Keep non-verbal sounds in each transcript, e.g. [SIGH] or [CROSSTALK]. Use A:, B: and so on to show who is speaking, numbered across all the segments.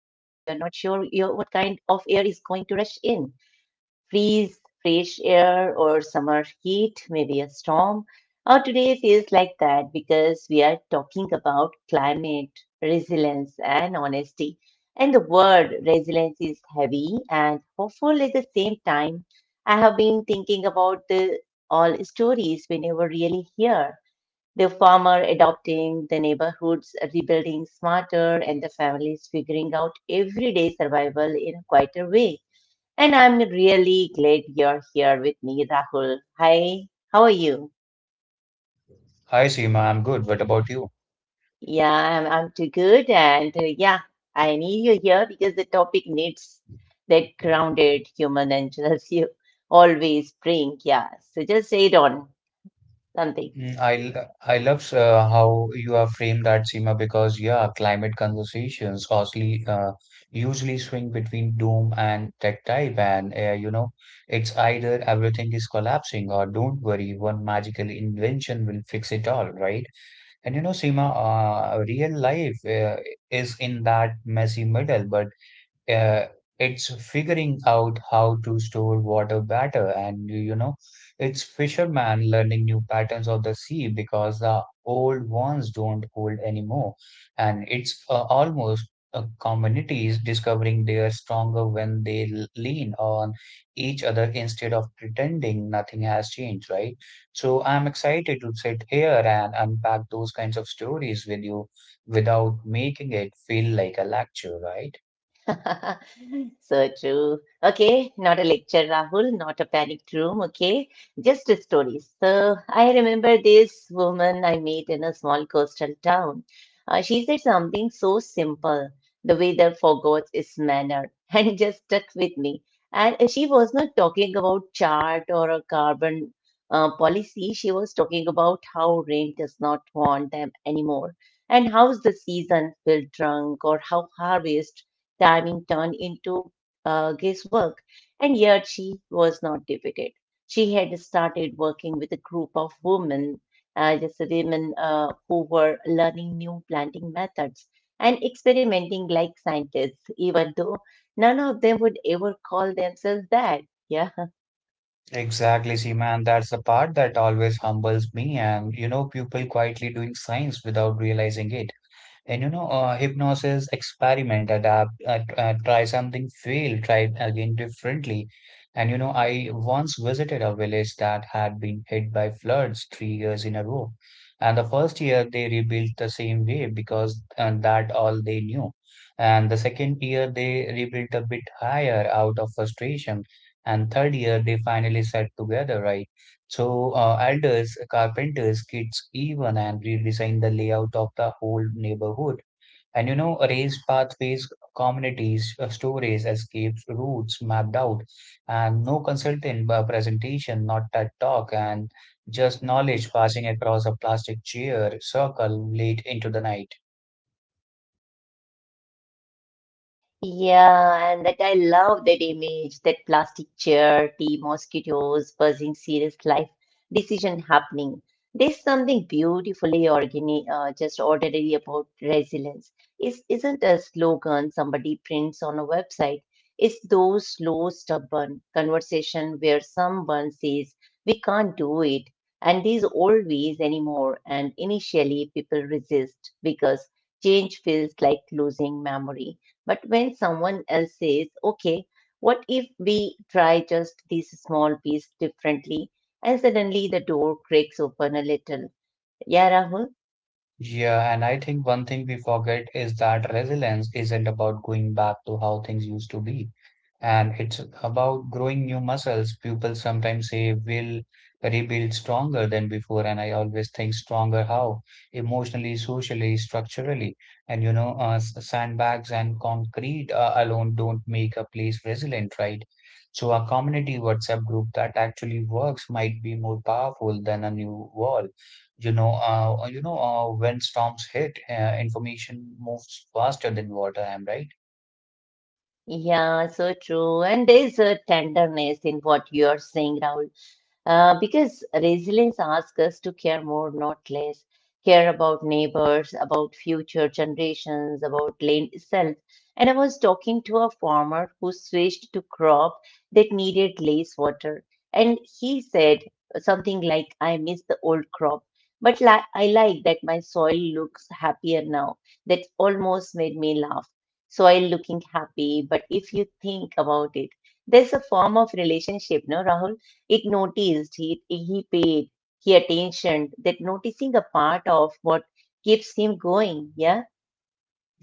A: you what kind of air is going to rush in. Freeze, fresh air, or summer heat, maybe a storm. Our today feels like that because we are talking about climate, resilience, and honesty. And the word resilience is heavy and hopeful at the same time. I have been thinking about the all stories we never really hear. The farmer adopting, the neighborhoods rebuilding smarter, and the families figuring out everyday survival in a quieter way. And I'm really glad you're here with me, Rahul. Hi, how are you?
B: Hi Seema, I'm good. What about you?
A: Yeah, I'm too good. And yeah, I need you here because the topic needs that grounded human angels [LAUGHS] you always bring. Yeah, so just say it on something.
B: I love how you have framed that, Seema, because yeah, climate conversations usually swing between doom and tech type, and you know, it's either everything is collapsing or don't worry, one magical invention will fix it all, right? And you know, Seema, real life is in that messy middle, but uh, it's figuring out how to store water better, and you know it's fishermen learning new patterns of the sea because the old ones don't hold anymore, and it's almost communities discovering they are stronger when they lean on each other instead of pretending nothing has changed, right? So I'm excited to sit here and unpack those kinds of stories with you without making it feel like a lecture, right?
A: [LAUGHS] So true. Okay, not a lecture, Rahul, not a panicked room. Okay, just a story. So I remember this woman I met in a small coastal town. She said something so simple. The weather forgot its manner [LAUGHS] and it just stuck with me. And she was not talking about chart or a carbon policy. She was talking about how rain does not want them anymore and how's the season will drunk or how harvest timing turned into guesswork, and yet she was not defeated. She had started working with a group of women, just women who were learning new planting methods and experimenting like scientists, even though none of them would ever call themselves that. Yeah.
B: Exactly, Seema, and that's the part that always humbles me. And you know, people quietly doing science without realizing it. And you know, hypnosis, experiment, adapt, try something, fail, try again differently. And you know, I once visited a village that had been hit by floods 3 years in a row. And the first year they rebuilt the same way because that all they knew. And the second year they rebuilt a bit higher out of frustration. And third year they finally sat together, right? So, elders, carpenters, kids even, and redesigned the layout of the whole neighborhood. And you know, raised pathways, communities, stories, escapes, routes mapped out, and no consultant presentation, not TED talk, and just knowledge passing across a plastic chair circle late into the night.
A: Yeah, and that I love that image, that plastic chair, tea, mosquitoes, buzzing, serious life, decision happening. There's something beautifully organic, just ordinary about resilience. It's, isn't a slogan somebody prints on a website. It's those slow, stubborn conversation where someone says, "We can't do it," and there's always anymore. And initially, people resist because change feels like losing memory. But when someone else says, okay, what if we try just this small piece differently? And suddenly the door cracks open a little. Yeah, Rahul?
B: Yeah, and I think one thing we forget is that resilience isn't about going back to how things used to be. And it's about growing new muscles. People sometimes say will rebuild stronger than before, and I always think stronger how? Emotionally, socially, structurally. And you know, sandbags and concrete alone don't make a place resilient, right? So a community WhatsApp group that actually works might be more powerful than a new wall. When storms hit, information moves faster than water. Am I right?
A: Yeah, so true. And there's a tenderness in what you're saying, Rahul. Because resilience asks us to care more, not less. Care about neighbors, about future generations, about land itself. And I was talking to a farmer who switched to crop that needed less water. And he said something like, I miss the old crop, but li I like that my soil looks happier now. That almost made me laugh, soil looking happy. But if you think about it, there's a form of relationship, no, Rahul? It noticed, he paid, he attention, that noticing a part of keeps him going. Yeah.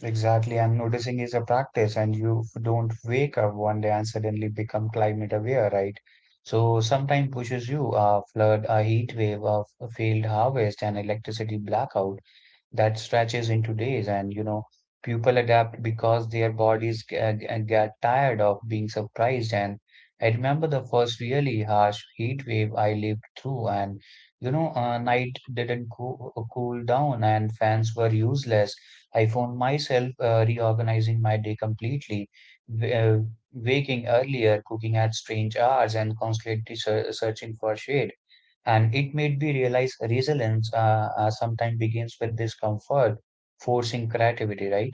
B: Exactly. I'm noticing is a practice, and you don't wake up one day and suddenly become climate aware, right? So sometimes pushes you a flood, a heat wave, a failed harvest, an electricity blackout that stretches into days. And you know, people adapt because their bodies get tired of being surprised. And I remember the first really harsh heat wave I lived through, and you know, night didn't cool down and fans were useless. I found myself reorganizing my day completely, w- uh, waking earlier, cooking at strange hours, and constantly searching for shade. And it made me realize resilience sometimes begins with discomfort, forcing creativity, right?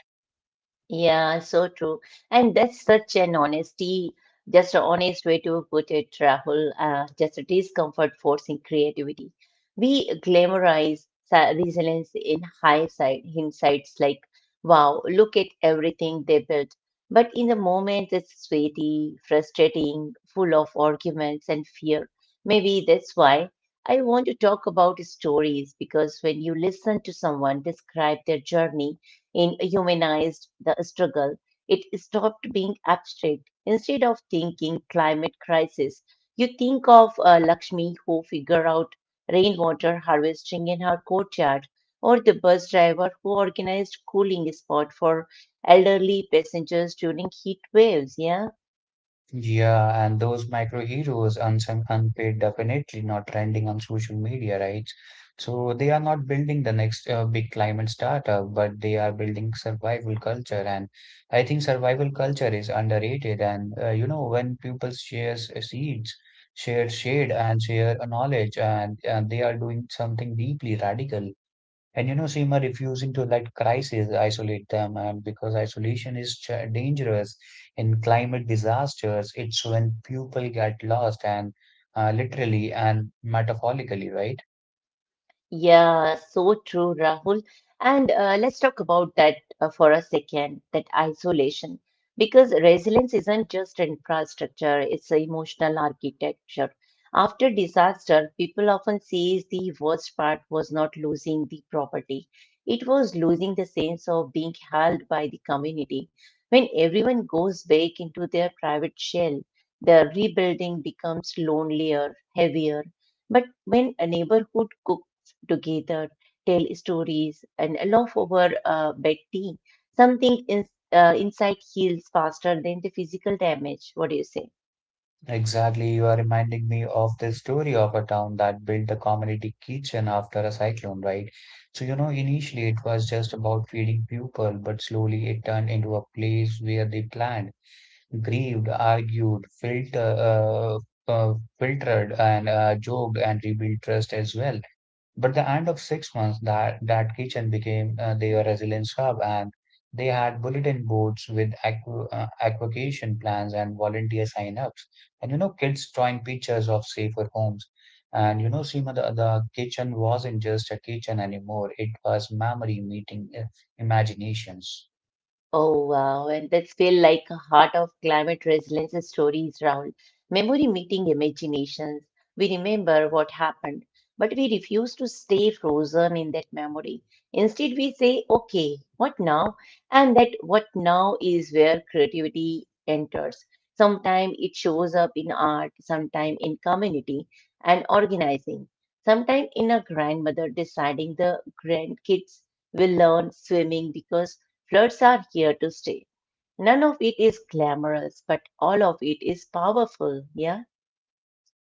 A: Yeah, so true. And that's such an honesty, just an honest way to put it, Rahul. Just a discomfort forcing creativity. We glamorize resilience in high side hindsights like, wow, look at everything they built. But in the moment, it's sweaty, frustrating, full of arguments and fear. Maybe that's why I want to talk about stories because when you listen to someone describe their journey in humanized the struggle, it stopped being abstract. Instead of thinking climate crisis, you think of Lakshmi who figure out rainwater harvesting in her courtyard or the bus driver who organized cooling spot for elderly passengers during heat waves. Yeah.
B: Yeah, and those micro heroes, unsung, unpaid, definitely not trending on social media, right? So they are not building the next big climate startup, but they are building survival culture. And I think survival culture is underrated. And you know, when people share seeds, share shade, and share knowledge, and they are doing something deeply radical. And you know, Seema, refusing to let crises isolate them, because isolation is ch dangerous in climate disasters. It's when people get lost, and literally and metaphorically, right?
A: Yeah, so true, Rahul. And let's talk about that for a second, that isolation, because resilience isn't just infrastructure, it's an emotional architecture. After disaster, people often say the worst part was not losing the property. It was losing the sense of being held by the community. When everyone goes back into their private shell, the rebuilding becomes lonelier, heavier. But when a neighborhood cooks together, tell stories, and allow for betting. Something is inside heals faster than the physical damage. What do you say?
B: Exactly. You are reminding me of the story of a town that built a community kitchen after a cyclone, right? So, you know, initially it was just about feeding people, but slowly it turned into a place where they planned, grieved, argued, uh, filtered, and joked, and rebuilt trust as well. But the end of 6 months, that kitchen became their resilience hub. And they had bulletin boards with equ evacuation plans and volunteer sign-ups, and you know, kids drawing pictures of safer homes. And you know, Seema, the kitchen wasn't just a kitchen anymore; it was memory meeting imaginations.
A: Oh, wow. And that's feel like a heart of climate resilience stories round. Memory meeting imaginations. We remember what happened, but we refuse to stay frozen in that memory. Instead, we say, okay, what now? And that what now is where creativity enters. Sometimes it shows up in art, sometimes in community and organizing, sometimes in a grandmother deciding the grandkids will learn swimming because floods are here to stay. None of it is glamorous, but all of it is powerful, yeah?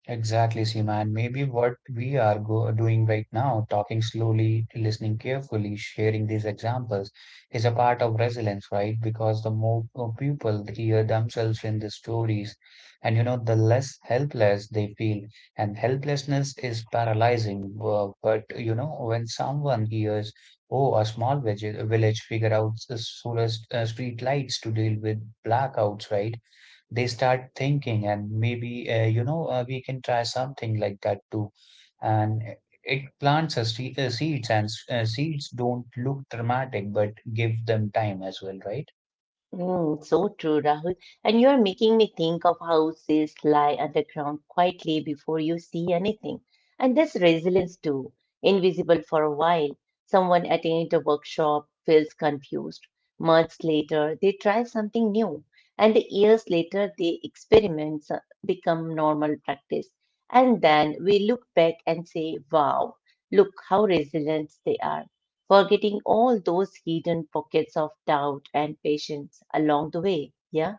B: Exactly, Seema. And maybe what we are go doing right now, talking slowly, listening carefully, sharing these examples, is a part of resilience, right? Because the more people hear themselves in the stories, and you know, the less helpless they feel. And helplessness is paralyzing. But you know, when someone hears, oh, a small village figure out the solar street lights to deal with blackouts, right? They start thinking and maybe we can try something like that too. And it plants seeds, and seeds don't look dramatic, but give them time as well, right?
A: Mm, so true, Rahul. And you're making me think of how sales lie underground quietly before you see anything. And this resilience too, invisible for a while. Someone attends a workshop, feels confused. Months later, they try something new. And years later, the experiments become normal practice. And then we look back and say, wow, look how resilient they are, forgetting all those hidden pockets of doubt and patience along the way. Yeah,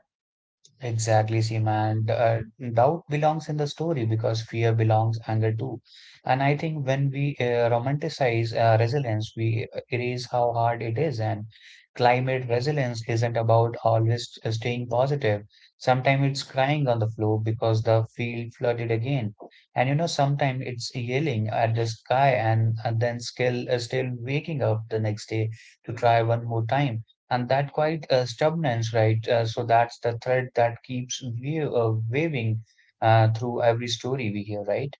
B: Exactly, Seema. And doubt belongs in the story because fear belongs, anger too. And I think when we romanticize resilience, we erase how hard it is. And climate resilience isn't about always staying positive. Sometimes it's crying on the floor because the field flooded again. And you know, sometimes it's yelling at the sky, and then still, still waking up the next day to try one more time. And that quite stubbornness, right? So that's the thread that keeps waving through every story we hear, right?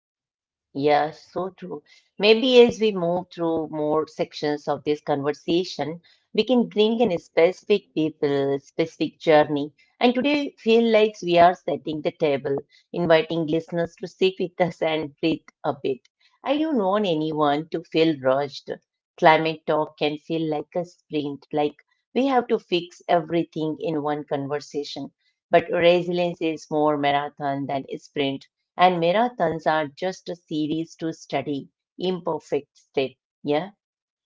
A: yeah, so true. Maybe as we move through more sections of this conversation, we can bring in specific people, specific journey. And today, feel like we are setting the table inviting listeners to sit with us and breathe a bit. Are you known anyone to feel rushed? Climate talk can feel like a sprint, like we have to fix everything in one conversation. But resilience is more marathon than a sprint, and marathons are just a series to study, imperfect state. Yeah.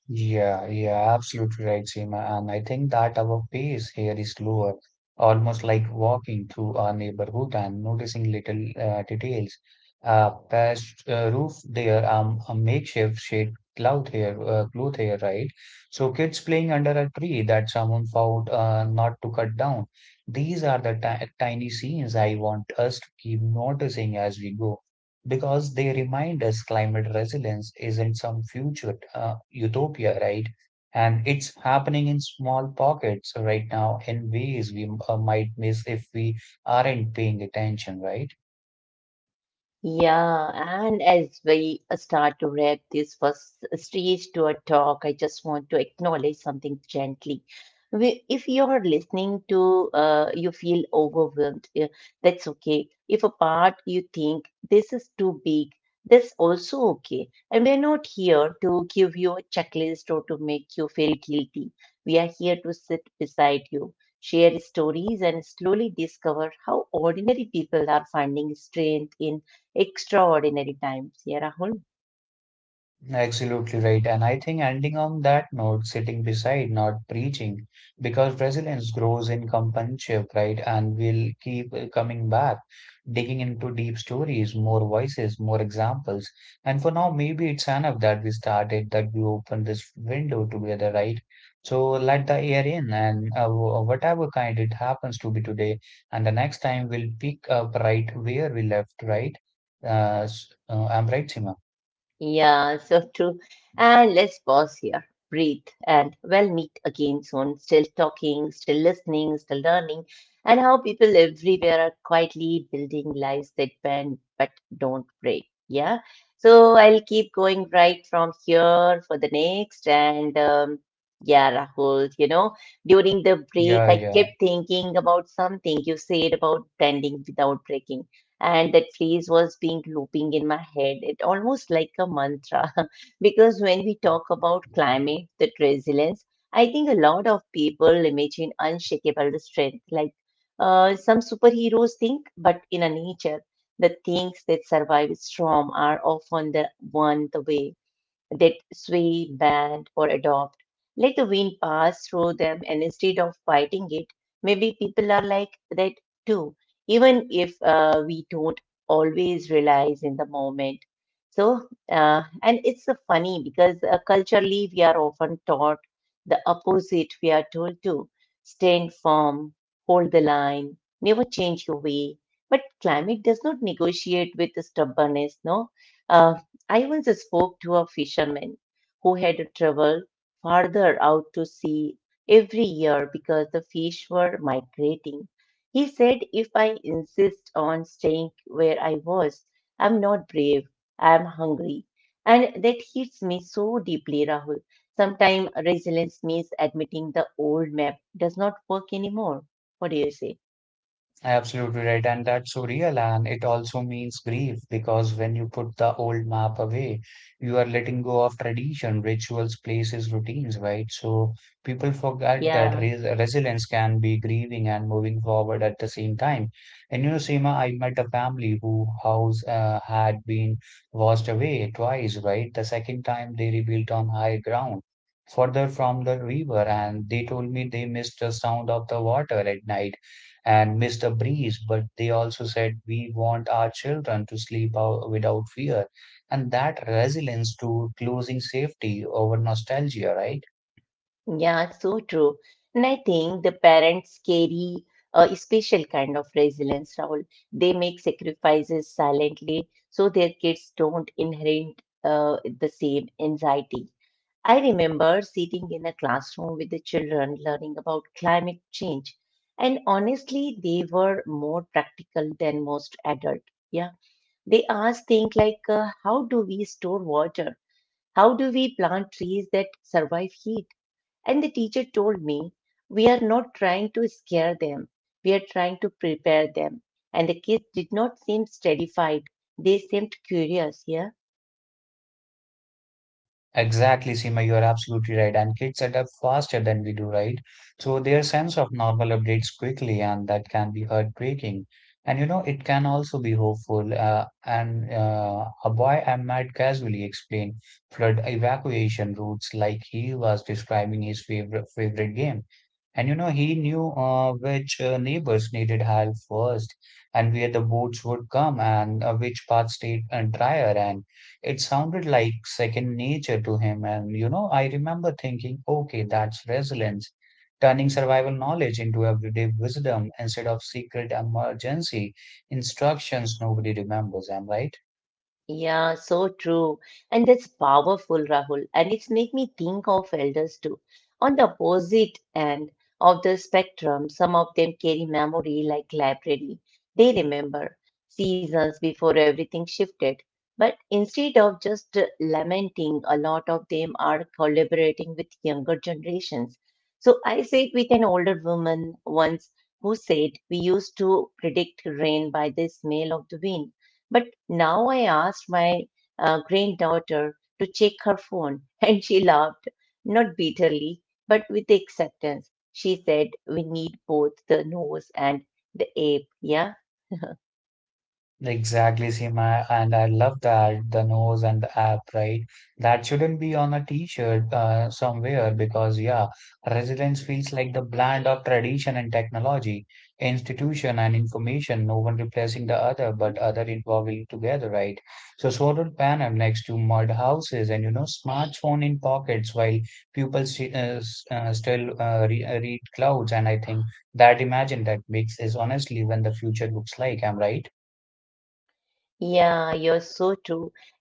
B: Yeah, absolutely right, Seema. And I think that our pace here is slower, almost like walking through our neighborhood and noticing little details. Past roof there, a makeshift shade cloth here, right? So kids playing under a tree that someone found not to cut down. These are the ti tiny scenes I want us to keep noticing as we go because they remind us climate resilience isn't some future utopia, right? And it's happening in small pockets right now in ways we might miss if we aren't paying attention, right?
A: Yeah, and as we start to wrap this first stage to our talk, I just want to acknowledge something gently. We- If you're listening to, you feel overwhelmed, yeah, that's okay. If a part you think this is too big, that's also okay. And we're not here to give you a checklist or to make you feel guilty. We are here to sit beside you, share stories, and slowly discover how ordinary people are finding strength in extraordinary times, yeah, Rahul?
B: Absolutely right. And I think ending on that note, sitting beside, not preaching, because resilience grows in companionship, right? And we'll keep coming back, digging into deep stories, more voices, more examples. And for now, maybe it's enough that we started, that we opened this window together, right? So let the air in, and whatever kind it happens to be today. And the next time, we'll pick up right where we left, right? I'm right, Sima.
A: Yeah, so true. And let's pause here, breathe, and we'll meet again soon. Still talking, still listening, still learning, and how people everywhere are quietly building lives that bend but don't break. Yeah, so I'll keep going right from here for the next. And yeah, Rahul, you know, during the break,
B: Yeah,
A: I
B: yeah.
A: kept thinking about something you said about bending without breaking. And that phrase was being looping in my head, it almost like a mantra [LAUGHS] because when we talk about climate that resilience, I think a lot of people imagine unshakable strength like some superheroes think, but in a nature the things that survive storm are often the one, the way that sway, bend, or adopt. Let the wind pass through them, and instead of fighting it, maybe people are like that too, even if we don't always realize in the moment. So, and it's so funny because culturally we are often taught the opposite. We are told to stand firm, hold the line, never change your way. But climate does not negotiate with stubbornness, no? Uh, I once spoke to a fisherman who had traveled farther out to sea every year because the fish were migrating. He said, if I insist on staying where I was, I'm not brave, I'm hungry. And that hits me so deeply, Rahul. Sometimes resilience means admitting the old map does not work anymore. What do you say?
B: Absolutely right, and that's so real. And it also means grief, because when you put the old map away, you are letting go of tradition, rituals, places, routines, right? So people forget that
A: Yeah.
B: res resilience can be grieving and moving forward at the same time. And you know, Seema, I met a family who house had been washed away twice, right? The second time they rebuilt on high ground, further from the river, and they told me they missed the sound of the water at night and missed a breeze, but they also said we want our children to sleep out without fear. And that resilience to closing safety over nostalgia, right?
A: Yeah, so true. And I think the parents carry a special kind of resilience, Rahul. They make sacrifices silently so their kids don't inherit the same anxiety. I remember sitting in a classroom with the children learning about climate change. And honestly, they were more practical than most adults. Yeah. They asked things like, how do we store water? How do we plant trees that survive heat? And the teacher told me, we are not trying to scare them, we are trying to prepare them. And the kids did not seem terrified, they seemed curious. Yeah.
B: Exactly, Seema, you are absolutely right. And kids adapt faster than we do, right? So their sense of normal updates quickly, and that can be heartbreaking. And you know, it can also be hopeful. And A boy I met casually explained flood evacuation routes like he was describing his favorite game. And you know, he knew which neighbors needed help first, and where the boats would come, and which paths stayed drier, and it sounded like second nature to him. And, you know, I remember thinking, okay, that's resilience, turning survival knowledge into everyday wisdom instead of secret emergency instructions nobody remembers. Am I right?
A: Yeah, so true. And that's powerful, Rahul. And it's make me think of elders too. On the opposite end of the spectrum, some of them carry memory like library. They remember seasons before everything shifted. But instead of just lamenting, a lot of them are collaborating with younger generations. So I sat with an older woman once who said, we used to predict rain by the smell of the wind. But." Now I asked my granddaughter to check her phone, [LAUGHS] and she laughed, not bitterly, but with acceptance. She said, we need both the nose and the ape. Yeah, [LAUGHS]
B: Exactly, Seema, and I love that, the nose and the app, right? That shouldn't be on a t-shirt somewhere because, yeah, resilience feels like the blend of tradition and technology, institution and information, no one replacing the other, but other evolving together, right? So, solar panel next to mud houses and, you know, smartphone in pockets while people still re read clouds. And I think that imagine that mix is honestly when the future looks like, I'm right.
A: yeah, you're so true.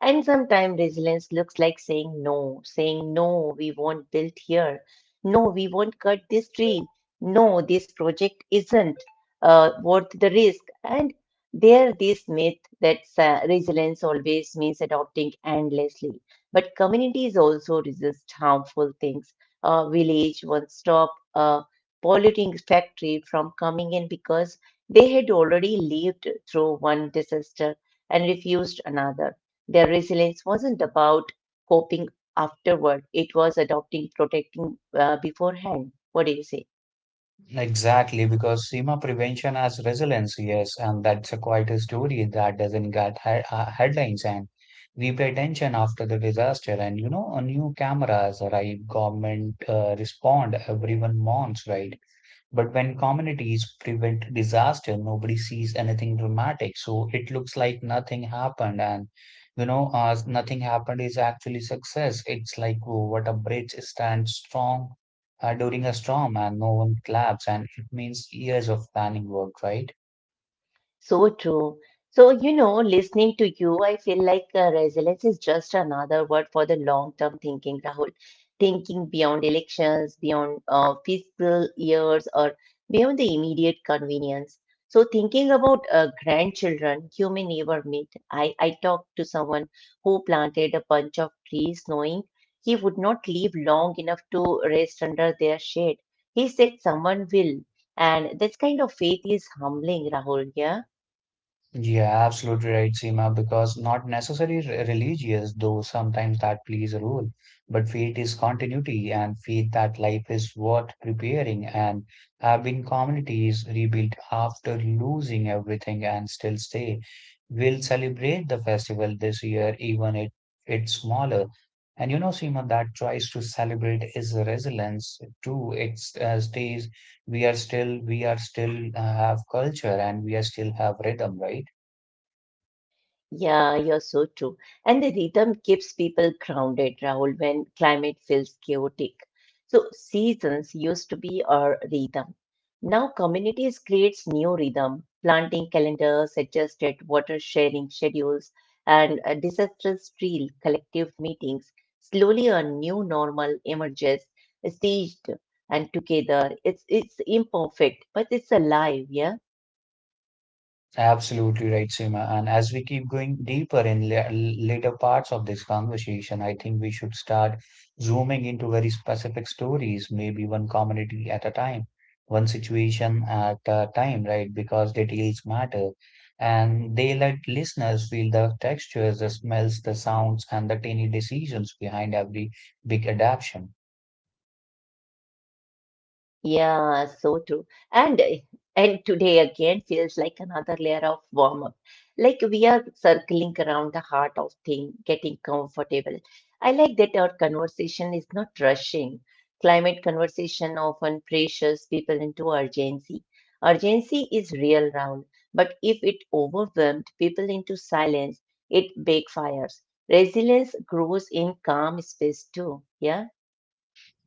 A: And sometimes resilience looks like saying no, we won't build here. No, we won't cut this tree. No, this project isn't worth the risk. And there, this myth that resilience always means adopting endlessly. But communities also resist harmful things. A village once stopped a polluting factory from coming in because they had already lived through one disaster and refused another. Their resilience wasn't about coping afterward, it was adopting, protecting beforehand. What do you say?
B: Exactly, because SEMA prevention has resilience, yes, and that's a quite a story that doesn't get he headlines. And we pay attention after the disaster, and you know, a new cameras arrive, government respond, everyone mourns, right? But when communities prevent disaster, nobody sees anything dramatic. So it looks like nothing happened. And, you know, nothing happened is actually success. It's like, oh, what a bridge stands strong during a storm and no one claps. And it means years of planning work, right?
A: So true. Listening to you, I feel like resilience is just another word for the long-term thinking, Rahul. Thinking beyond elections, beyond fiscal years, or beyond the immediate convenience. So, thinking about grandchildren you may never meet. I talked to someone who planted a bunch of trees, knowing he would not live long enough to rest under their shade. He said, "Someone will," and this kind of faith is humbling, Rahul. Yeah.
B: Yeah, absolutely right, Seema, because not necessarily religious, though sometimes that plays a role, but faith is continuity and faith that life is worth preparing and have been communities rebuilt after losing everything and still stay. We'll celebrate the festival this year, even if it's smaller. And you know, Seema, that choice to celebrate is a resilience too. It stays, we are still have culture and we are still have rhythm, right?
A: Yeah, you're so true. And the rhythm keeps people grounded, Rahul, when climate feels chaotic. So seasons used to be our rhythm. Now communities creates new rhythm, planting calendars, adjusted water sharing schedules, and a disastrous trail, collective meetings. Slowly a new normal emerges, staged and together. It's imperfect, but it's alive, yeah.
B: Absolutely right, Seema. And as we keep going deeper in later parts of this conversation, I think we should start zooming into very specific stories, maybe one community at a time, one situation at a time, right? Because details matter. And they let listeners feel the textures, the smells, the sounds, and the tiny decisions behind every big adaptation.
A: Yeah, so true. And and today again feels like another layer of warm up. Like we are circling around the heart of thing, getting comfortable. I like that our conversation is not rushing. Climate conversation often pressures people into urgency. Urgency is real round, but if it overwhelmed people into silence, it backfires. Resilience grows in calm space too. Yeah.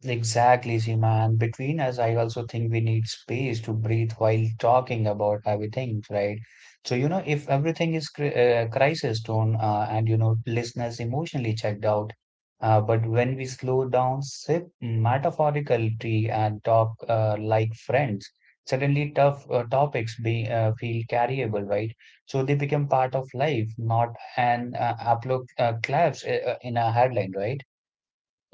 B: Exactly, Seema. And between us, I also think we need space to breathe while talking about everything, right? So, you know, if everything is crisis tone and, you know, listeners emotionally checked out, but when we slow down, sip metaphorical tea and talk like friends, suddenly tough topics feel carryable, right? So they become part of life, not an applause claps in a headline, right?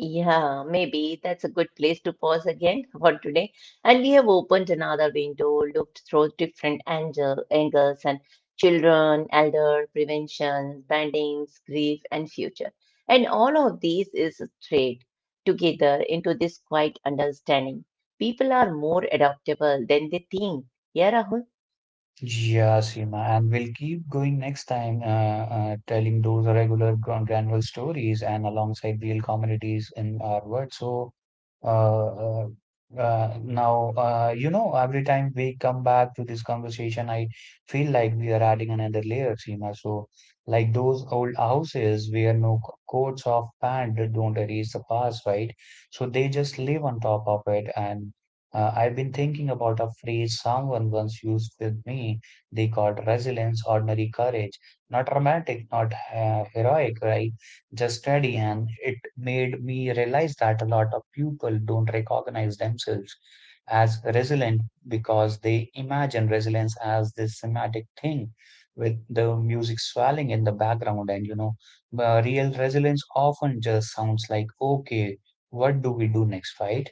A: Yeah, maybe that's a good place to pause again [LAUGHS] for today. And we have opened another window, looked through angles and children, elder, prevention, bandings, grief, and future. And all of these is thread together into this quiet understanding. People are more adaptable than they think. Yeah, Rahul?
B: Yeah, Seema, and we'll keep going next time, telling those regular granular stories and alongside real communities in our world. So, uh, uh, now, you know, every time we come back to this conversation, I feel like we are adding another layer, Seema. So, like those old houses where no coats of paint don't erase the past, right? So they just live on top of it, and I've been thinking about a phrase someone once used with me. They called resilience ordinary courage. Not dramatic, not heroic, right? Just steady. And it made me realize that a lot of people don't recognize themselves as resilient because they imagine resilience as this cinematic thing with the music swelling in the background. And, you know, real resilience often just sounds like, okay, what do we do next, right?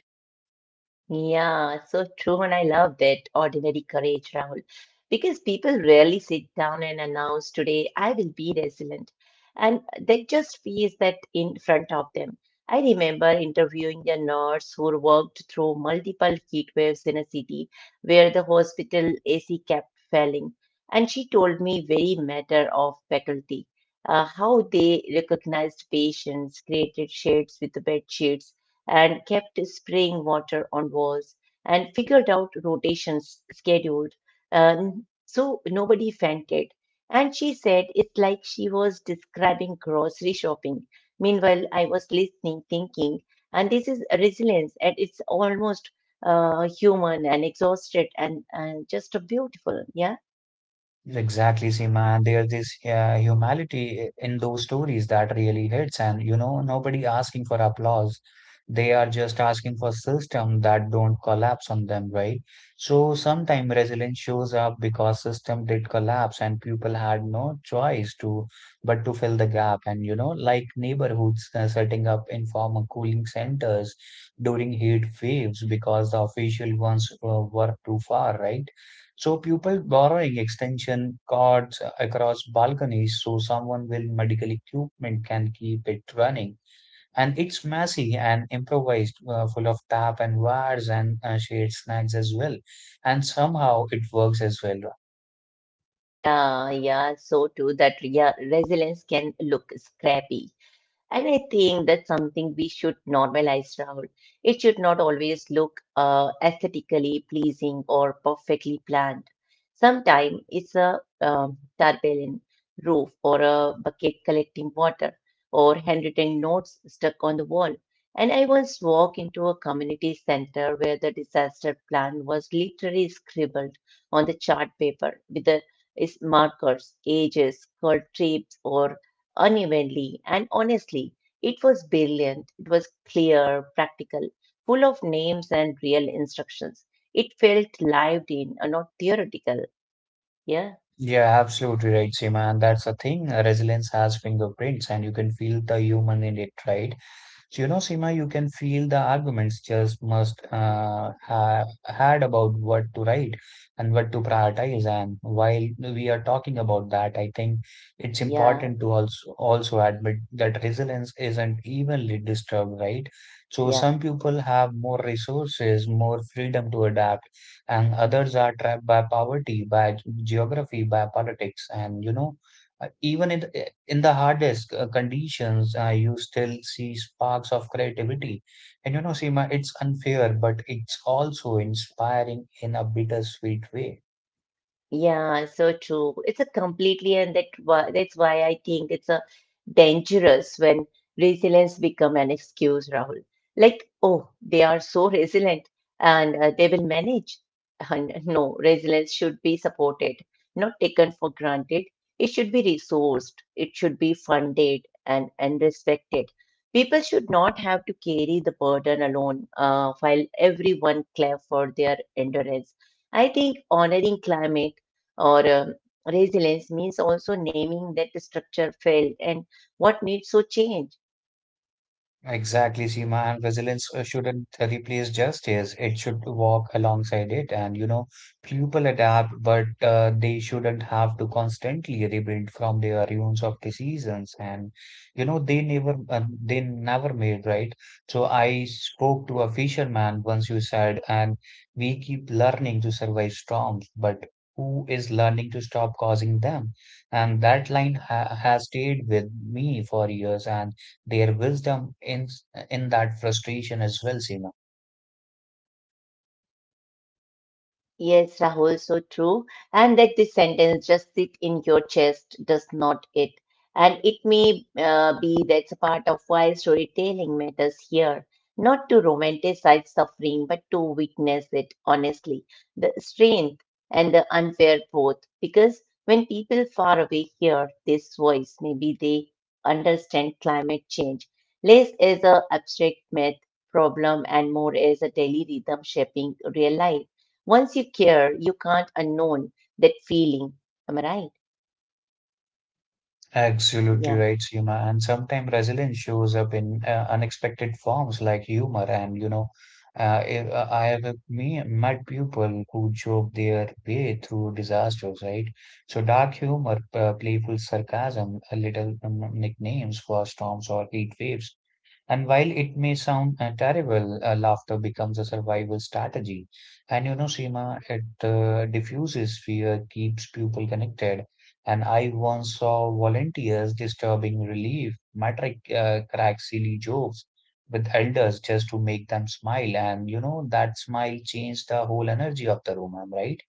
A: Yeah, so true, and I love that ordinary courage, Rahul, because people rarely sit down and announce today, I will be resilient, and they just face that in front of them. I remember interviewing a nurse who worked through multiple heat waves in a city where the hospital AC kept failing, and she told me very matter of faculty how they recognized patients, created shades with the bed sheets and kept spraying water on walls and figured out rotations scheduled so nobody fainted. And she said it's like she was describing grocery shopping. Meanwhile, I was listening, thinking, and this is resilience, and it's almost human and exhausted and just beautiful. Yeah.
B: Exactly, Seema. And there's this humanity in those stories that really hits. And you know, nobody asking for applause. They are just asking for system that don't collapse on them, right? So sometime resilience shows up because system did collapse and people had no choice to but to fill the gap. And you know, like neighborhoods setting up informal cooling centers during heat waves because the official ones were too far, right? So people borrowing extension cords across balconies so someone with medical equipment can keep it running. And it's messy and improvised, full of tap and wires and shared snacks as well. And somehow it works as well.
A: Yeah, so too that yeah, resilience can look scrappy. And I think that's something we should normalize, Rahul. It should not always look aesthetically pleasing or perfectly planned. Sometimes it's a tarpaulin roof or a bucket collecting water or handwritten notes stuck on the wall. And I once walked into a community center where the disaster plan was literally scribbled on the chart paper with the is markers, ages, called trips, or unevenly, and honestly, it was brilliant. It was clear, practical, full of names and real instructions. It felt lived in, not theoretical. Yeah,
B: Yeah, absolutely right, Seema. And that's the thing. Resilience has fingerprints, and you can feel the human in it, right? So, you know, Seema, you can feel the arguments just must have had about what to write and what to prioritize. And while we are talking about that, I think it's
A: yeah,
B: important to also admit that resilience isn't evenly disturbed, right? So,
A: yeah,
B: some people have more resources, more freedom to adapt and others are trapped by poverty, by geography, by politics, and you know, even in the hardest conditions, you still see sparks of creativity. And you know, Seema, it's unfair, but it's also inspiring in a bittersweet way.
A: yeah. So true. It's a completely, and that's why I think it's a dangerous when resilience become an excuse, Rahul. Like, oh, they are so resilient and they will manage. And no, resilience should be supported, not taken for granted. It should be resourced. It should be funded and respected. People should not have to carry the burden alone while everyone clap for their endurance. I think honoring climate or resilience means also naming that the structure failed and what needs to change.
B: Exactly, Seema, and resilience shouldn't replace justice. It should walk alongside it. And, you know, people adapt, but they shouldn't have to constantly rebuild from their ruins of decisions. And, you know, they never made, right? So I spoke to a fisherman once you said, and we keep learning to survive storms, but who is learning to stop causing them? And that line ha has stayed with me for years. And their wisdom in that frustration as well, Seema.
A: Yes, Rahul, so true. And let this sentence just sit in your chest, does not it? And it may be that's a part of why storytelling matters here, not to romanticize suffering, but to witness it honestly, the strength and the unfair both. Because when people far away hear this voice, maybe they understand climate change less as a abstract myth problem and more as a daily rhythm shaping real life. Once you care, you can't unknown that feeling. Am I right?
B: Absolutely
A: Yeah.
B: right, Seema. And sometimes resilience shows up in unexpected forms like humor. And, you know, if, I have me, met people who joke their way through disasters, right? So, dark humor, playful sarcasm, a little nicknames for storms or heat waves. And while it may sound terrible, laughter becomes a survival strategy. And you know, Seema, it diffuses fear, keeps people connected. And I once saw volunteers disturbing relief, metric crack silly jokes with elders just to make them smile. And you know, that smile changed the whole energy of the room, am I right?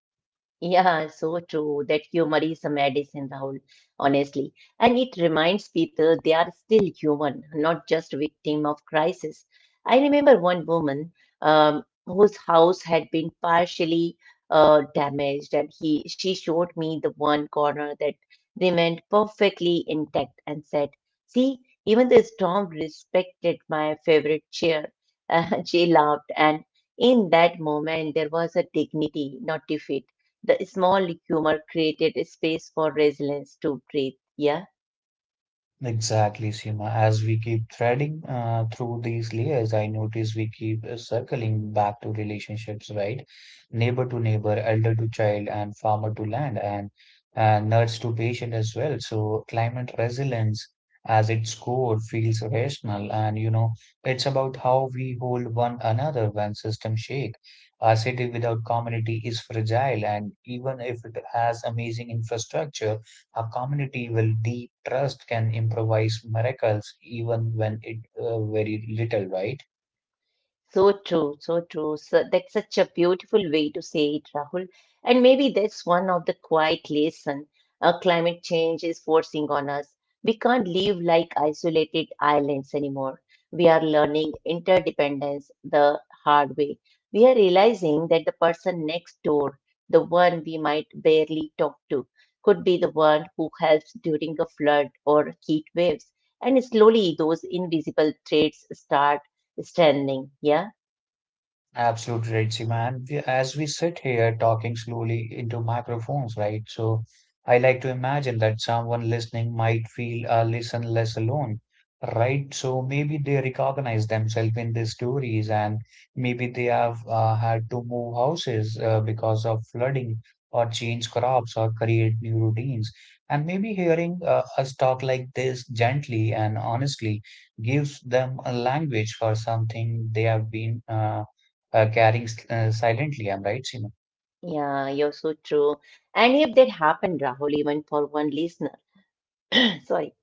A: Yeah, so true that humor is a medicine, Rahul, honestly. And it reminds people they are still human, not just victim of crisis. I remember one woman whose house had been partially damaged, and he she showed me the one corner that remained perfectly intact and said, "See, even the storm respected my favorite chair." [LAUGHS] And she laughed, and in that moment there was a dignity, not defeat the small humor created space for resilience to breathe. Yeah.
B: Exactly, Seema. As we keep threading through these layers, I notice we keep circling back to relationships, right? Neighbor to neighbor, elder to child, and farmer to land, and nurse to patient as well. So, climate resilience, as its core, feels rational, and you know, it's about how we hold one another when systems shake. A city without community is fragile, and even if it has amazing infrastructure a community with deep trust can improvise miracles even when it very little, right?
A: So true, so true. So that's such a beautiful way to say it, Rahul. And maybe that's one of the quiet lesson climate change is forcing on us. We can't live like isolated islands anymore. We are learning interdependence the hard way. We are realizing that the person next door, the one we might barely talk to, could be the one who helps during a flood or heat waves. And slowly, those invisible threads start Stunning. Yeah.
B: Absolutely right, Seema. And we, as we sit here talking slowly into microphones, right? So I like to imagine that someone listening might feel listen less alone, right? So maybe they recognize themselves in these stories, and maybe they have had to move houses because of flooding, or change crops, or create new routines. And maybe hearing us talk like this gently and honestly gives them a language for something they have been carrying silently. I'm right, Seema.
A: Yeah. You're so true. And if that happened, Rahul, even for one listener, [COUGHS] [CLEARS THROAT] sorry.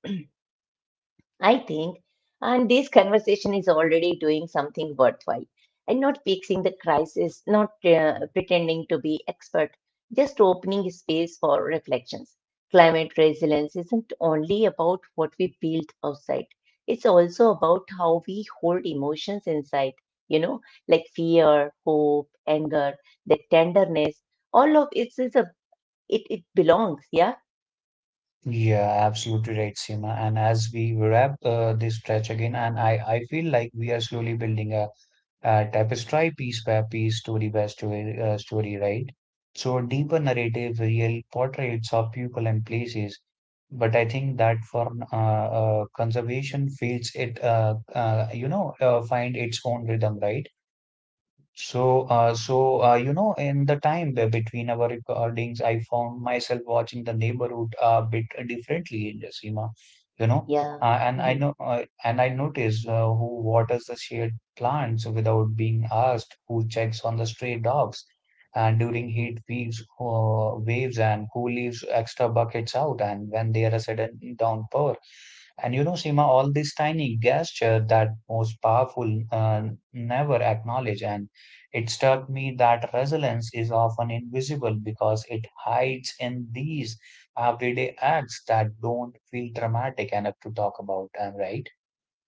A: I think, and this conversation is already doing something worthwhile and not fixing the crisis, not pretending to be expert, just opening space for reflections. Climate resilience isn't only about what we build outside, it's also about how we hold emotions inside, you know, like fear, hope, anger, the tenderness, all of it is it belongs. Yeah.
B: Yeah, absolutely right, Seema. And as we wrap this stretch again, and I feel like we are slowly building a tapestry piece by piece, story by story, right? So deeper narrative, real portraits of people and places. But I think that for conservation fields, it find its own rhythm, right? So, you know, in the time between our recordings, I found myself watching the neighborhood a bit differently in Jasima, you know,
A: Yeah. Mm-hmm.
B: and I notice who waters the shade plants without being asked, who checks on the stray dogs, and during heat waves, and who leaves extra buckets out, and when there is a sudden downpour. And you know, Seema, all these tiny gesture that most powerful never acknowledge and it struck me that resilience is often invisible because it hides in these everyday acts that don't feel dramatic enough to talk about, am I right?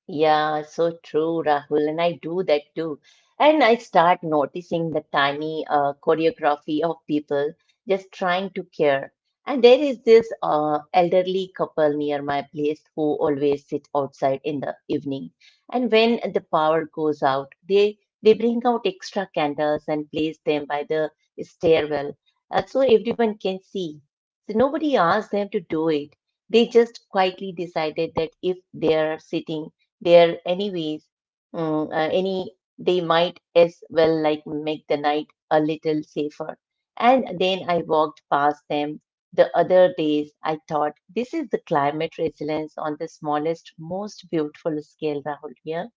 A: Yeah, so true, Rahul. And I do that too. And I start noticing the tiny choreography of people just trying to care. And there is this elderly couple near my place who always sit outside in the evening. And when the power goes out, they bring out extra candles and place them by the stairwell, so everyone can see. So nobody asked them to do it. They just quietly decided that if they are sitting there anyways. Mm, any They might as well like make the night a little safer. And then I walked past them the other days. I thought this is the climate resilience on the smallest, most beautiful scale, Rahul. Yeah.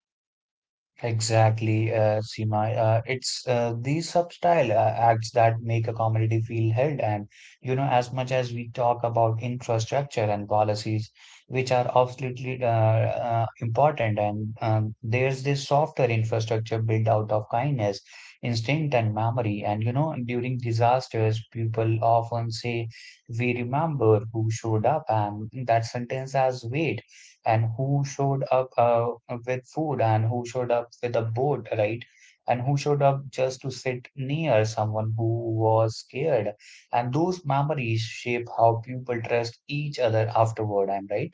B: Exactly, Seema. It's these subtle acts that make a community feel held. And, you know, as much as we talk about infrastructure and policies, which are absolutely important, and there's this softer infrastructure built out of kindness, instinct, and memory. And, you know, during disasters, people often say, "We remember who showed up," and that sentence has weight and who showed up with food and who showed up with a boat, right? And who showed up just to sit near someone who was scared. And those memories shape how people trust each other afterward, I'm right.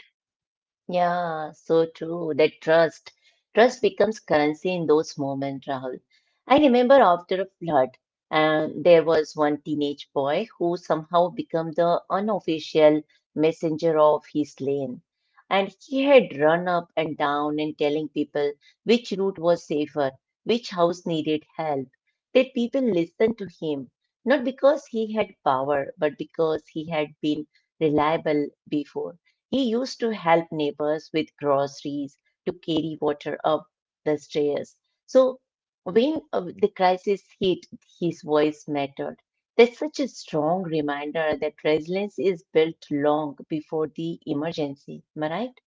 A: Yeah, so true. That trust. Trust becomes currency in those moments, Rahul. I remember after a flood, there was one teenage boy who somehow became the unofficial messenger of his lane. And he had run up and down and telling people which route was safer, which house needed help. That people listened to him, not because he had power, but because he had been reliable before. He used to help neighbors with groceries, to carry water up the stairs. So when the crisis hit, his voice mattered. That's such a strong reminder that resilience is built long before the emergency. Am I right?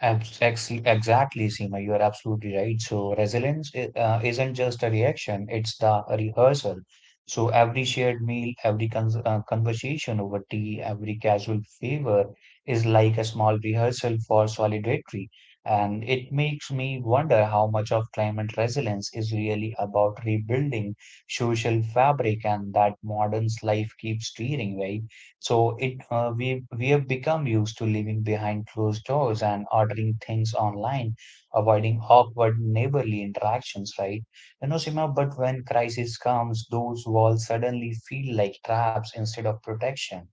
B: Exactly, Seema, you are absolutely right. So, resilience isn't just a reaction, it's the rehearsal. So, every shared meal, every cons conversation over tea, every casual favor is like a small rehearsal for solidarity. And it makes me wonder how much of climate resilience is really about rebuilding social fabric and that modern life keeps steering, right? So it we have become used to living behind closed doors and ordering things online, avoiding awkward neighborly interactions, right? You know, Sima, but when crisis comes, those walls suddenly feel like traps instead of protection.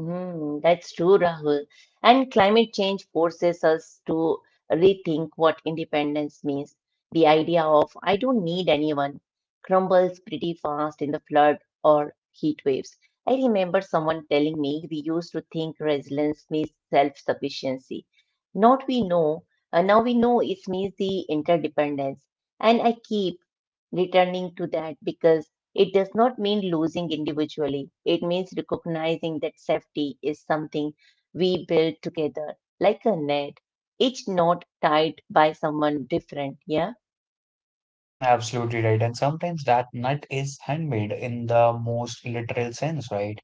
A: Mm, that's true, Rahul. And climate change forces us to rethink what independence means. The idea of I don't need anyone crumbles pretty fast in the flood or heat waves. I remember someone telling me we used to think resilience means self sufficiency. Not we know, now we know it means the interdependence. And I keep returning to that because it does not mean losing individually. It means recognizing that safety is something we build together, like a net, each knot tied by someone different. Yeah.
B: Absolutely right. And sometimes that nut is handmade in the most literal sense, right?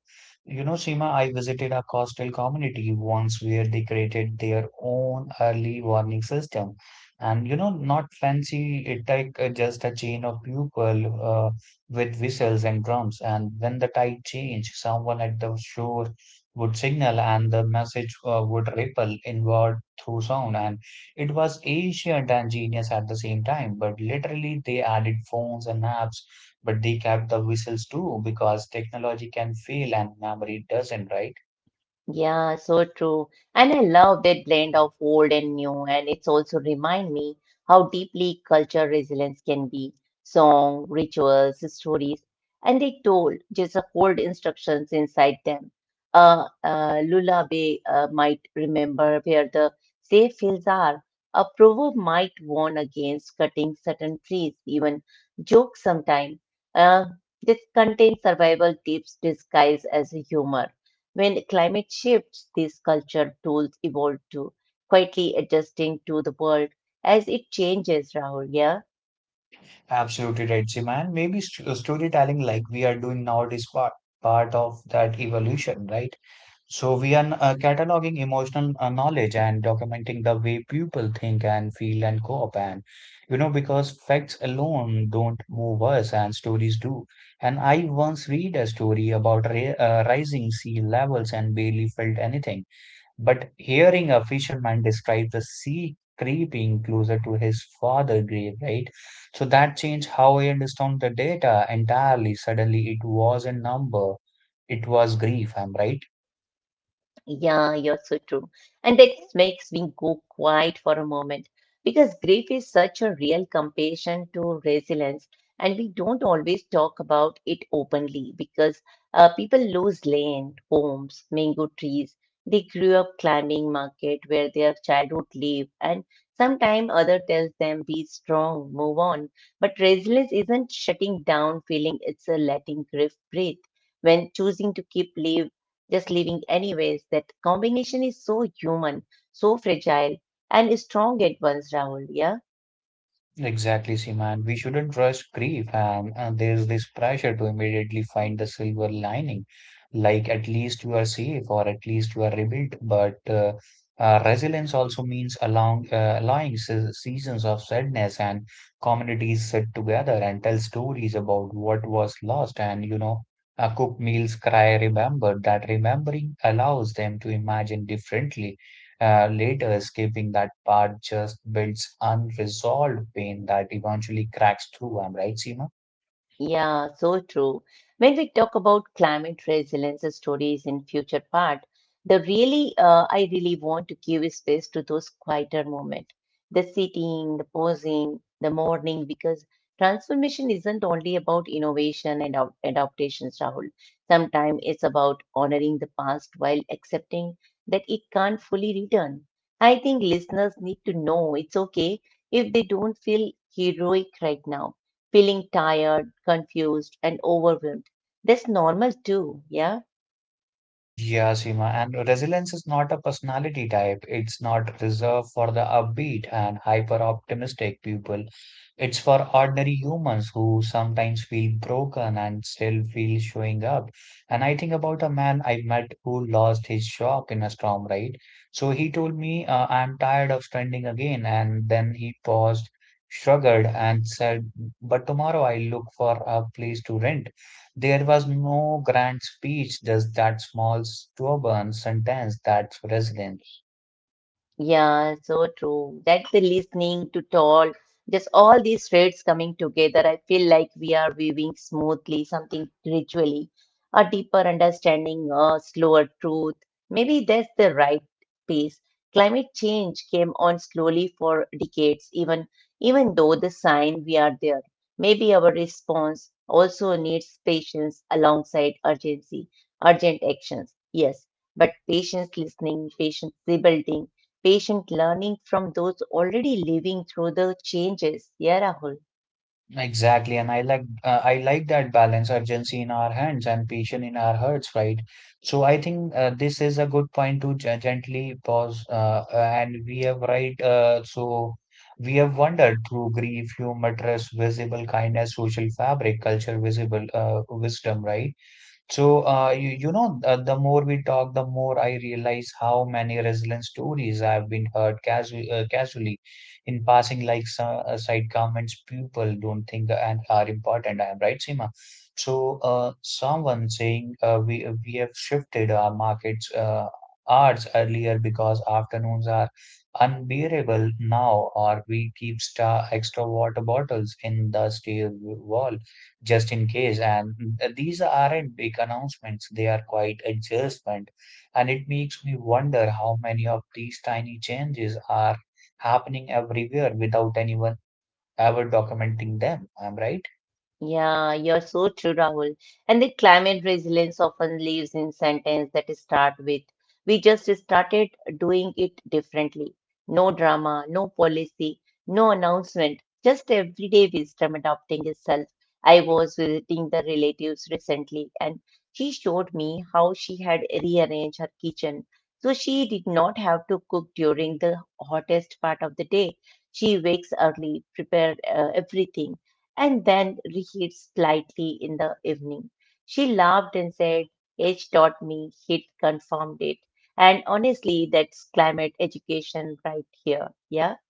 B: You know, Seema, I visited a coastal community once where they created their own early warning system. And, you know, not fancy, it like just a chain of people uh, with whistles and drums. And when the tide changed, someone at the shore would signal and the message would ripple inward through sound. And it was ancient and genius at the same time, but literally they added phones and apps, but they kept the whistles too because technology can fail and memory doesn't, right?
A: Yeah, so true. And I love that blend of old and new, and it's also remind me how deeply culture resilience can be. Song, rituals, stories, and they told just hold instructions inside them. Lullaby might remember where the safe fields are. A proverb might warn against cutting certain trees, even jokes sometimes. Uh, this contains survival tips disguised as humor. When climate shifts, these culture tools evolve too, quietly adjusting to the world as it changes, Rahul. Yeah.
B: Absolutely right, Siman. Maybe st storytelling like we are doing now is part of that evolution, right? So we are cataloging emotional knowledge and documenting the way people think and feel and cope and you know because facts alone don't move us and stories do. And I once read a story about rising sea levels and barely felt anything. But hearing a fisherman describe the sea creeping closer to his father grave, right? So that changed how I understand the data entirely. Suddenly it wasn't number, it was grief, I'm right.
A: Yeah, you're so true. And that makes me go quiet for a moment because grief is such a real compassion to resilience, and we don't always talk about it openly because people lose land, homes, mango trees. They grew up climbing market where their childhood live, and sometime other tells them be strong, move on. But resilience isn't shutting down feeling; it's a letting grief breathe. When choosing to keep living just leaving anyways. That combination is so human, so fragile, and strong at once, Rahul. Yeah.
B: Exactly, Seema. And we shouldn't rush grief. And there's this pressure to immediately find the silver lining, like at least you are safe or at least you are rebuilt. But resilience also means allowing, allowing seasons of sadness and communities sit together and tell stories about what was lost. And cook meals, cry, remember that remembering allows them to imagine differently later. Escaping that part just builds unresolved pain that eventually cracks through. I'm right, Seema?
A: Yeah, so true. When we talk about climate resilience stories in future part, the really I really want to give space to those quieter moments, the sitting, the pausing, the morning, because transformation isn't only about innovation and adaptations, Rahul. Sometimes it's about honoring the past while accepting that it can't fully return. I think listeners need to know it's okay if they don't feel heroic right now feeling tired, confused, and overwhelmed. That's normal too. Yeah.
B: Yeah, Seema, and resilience is not a personality type. It's not reserved for the upbeat and hyper optimistic people. It's for ordinary humans who sometimes feel broken and still feel showing up. And I think about a man I met who lost his shop in a storm, right? So he told me, I'm tired of standing again. And then he paused, shrugged, and said, but tomorrow I look for a place to rent. There was no grand speech, just that small, stubborn sentence. That's resilience.
A: Yeah, so true. That's the listening to talk. Just all these threads coming together. I feel like we are weaving smoothly something gradually, a deeper understanding, a slower truth. Maybe that's the right pace. Climate change came on slowly for decades, even though the sign we are there. Maybe our response also needs patience alongside urgency, urgent actions. Yes, but patient listening, patient rebuilding, patient learning from those already living through the changes. Yeah, Rahul.
B: Exactly, and I like that balance, urgency in our hands and patience in our hearts, right? So I think this is a good point to gently pause, and we have right. So we have wandered through grief, humor, trust, visible kindness, social fabric, culture, visible wisdom, right? So the more we talk, the more I realize how many resilient stories I've been heard casually in passing, like so, side comments people don't think and are important. I'm right, Seema. So, someone saying we have shifted our markets hours earlier because afternoons are unbearable now, or we keep star extra water bottles in the steel wall just in case. And these aren't big announcements, they are quite adjustment. And it makes me wonder how many of these tiny changes are happening everywhere without anyone ever documenting them. I'm right.
A: Yeah, you're so true, Rahul. And the climate resilience often lives in sentence that start with, we just started doing it differently. No drama, no policy, no announcement, just everyday wisdom adopting itself. I was visiting the relatives recently and she showed me how she had rearranged her kitchen. So she did not have to cook during the hottest part of the day. She wakes early, prepare everything and then reheat slightly in the evening. She laughed and said, "H taught me, heat confirmed it. And honestly, that's climate education right here. Yeah.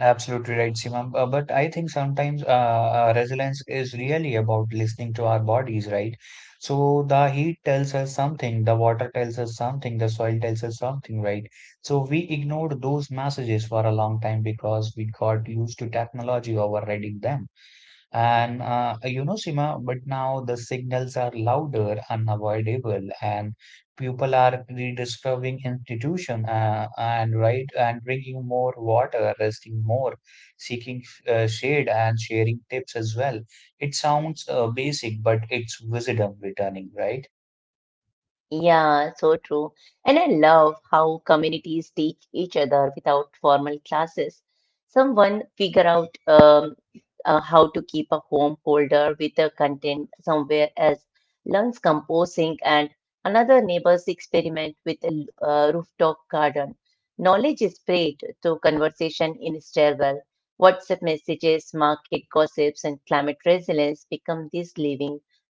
B: Absolutely right, Simam. But I think sometimes resilience is really about listening to our bodies, right? So the heat tells us something, the water tells us something, the soil tells us something, right? So we ignored those messages for a long time because we got used to technology overriding them. And Sima, but now the signals are louder, unavoidable, and people are rediscovering institution and right and drinking more water, resting more, seeking shade and sharing tips as well. It sounds basic, but it's wisdom returning, right?
A: Yeah, so true. And I love how communities teach each other without formal classes. Someone figure out how to keep a home folder with the content somewhere else, learns composing, and another neighbors experiment with a rooftop garden. Knowledge is spread through conversation in stairwell. WhatsApp messages, market gossips, and climate resilience become this living,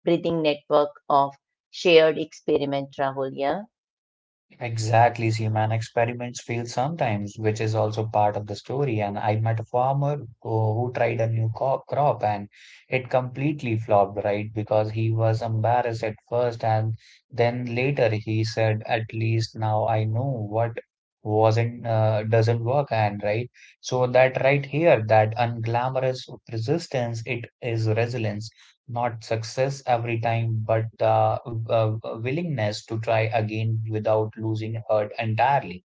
A: breathing network of shared experiment, Rahul. Yeah.
B: Exactly, so human experiments fail sometimes, which is also part of the story. And I met a farmer who tried a new crop and it completely flopped, right? Because he was embarrassed at first, and then later he said, "At least now I know what wasn't doesn't work." And right, so that right here, that unglamorous resistance, it is resilience, not success every time, but willingness to try again without losing heart entirely.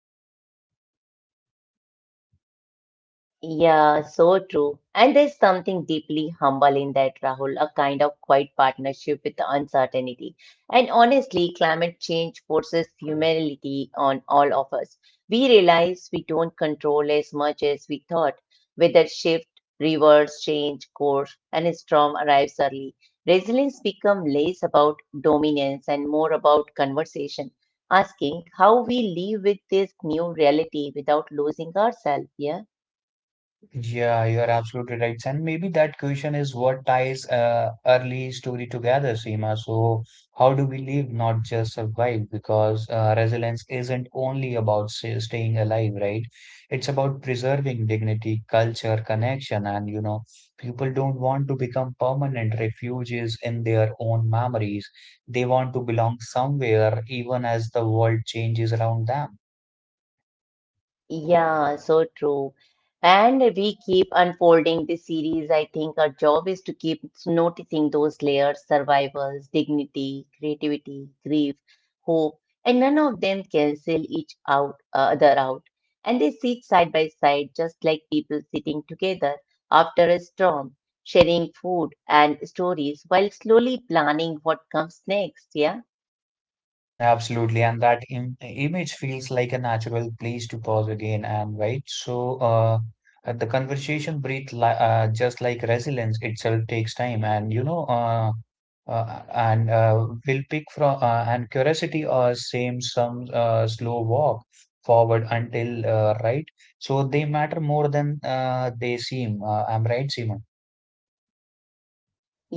A: Yeah, so true. And there's something deeply humble in that, Rahul, a kind of quiet partnership with the uncertainty. And honestly, climate change forces humility on all of us. We realize we don't control as much as we thought. Weather shift, rivers change course, and a storm arrives early. Resilience become less about dominance and more about conversation, asking how we live with this new reality without losing ourselves. Yeah.
B: Yeah, you are absolutely right. And maybe that question is what ties early story together, Seema. So, how do we live, not just survive? Because resilience isn't only about staying alive, right? It's about preserving dignity, culture, connection, and you know, people don't want to become permanent refugees in their own memories. They want to belong somewhere, even as the world changes around them.
A: Yeah, so true. And we keep unfolding this series. I think our job is to keep noticing those layers, survivals, dignity, creativity, grief, hope, and none of them cancel each out other out. And they sit side by side, just like people sitting together after a storm, sharing food and stories, while slowly planning what comes next. Yeah.
B: Absolutely, and that Im image feels like a natural place to pause again and wait. So the conversation breathe li just like resilience itself takes time, and will pick from and curiosity or same some slow walk forward until right. So they matter more than they seem. I'm right, Seema.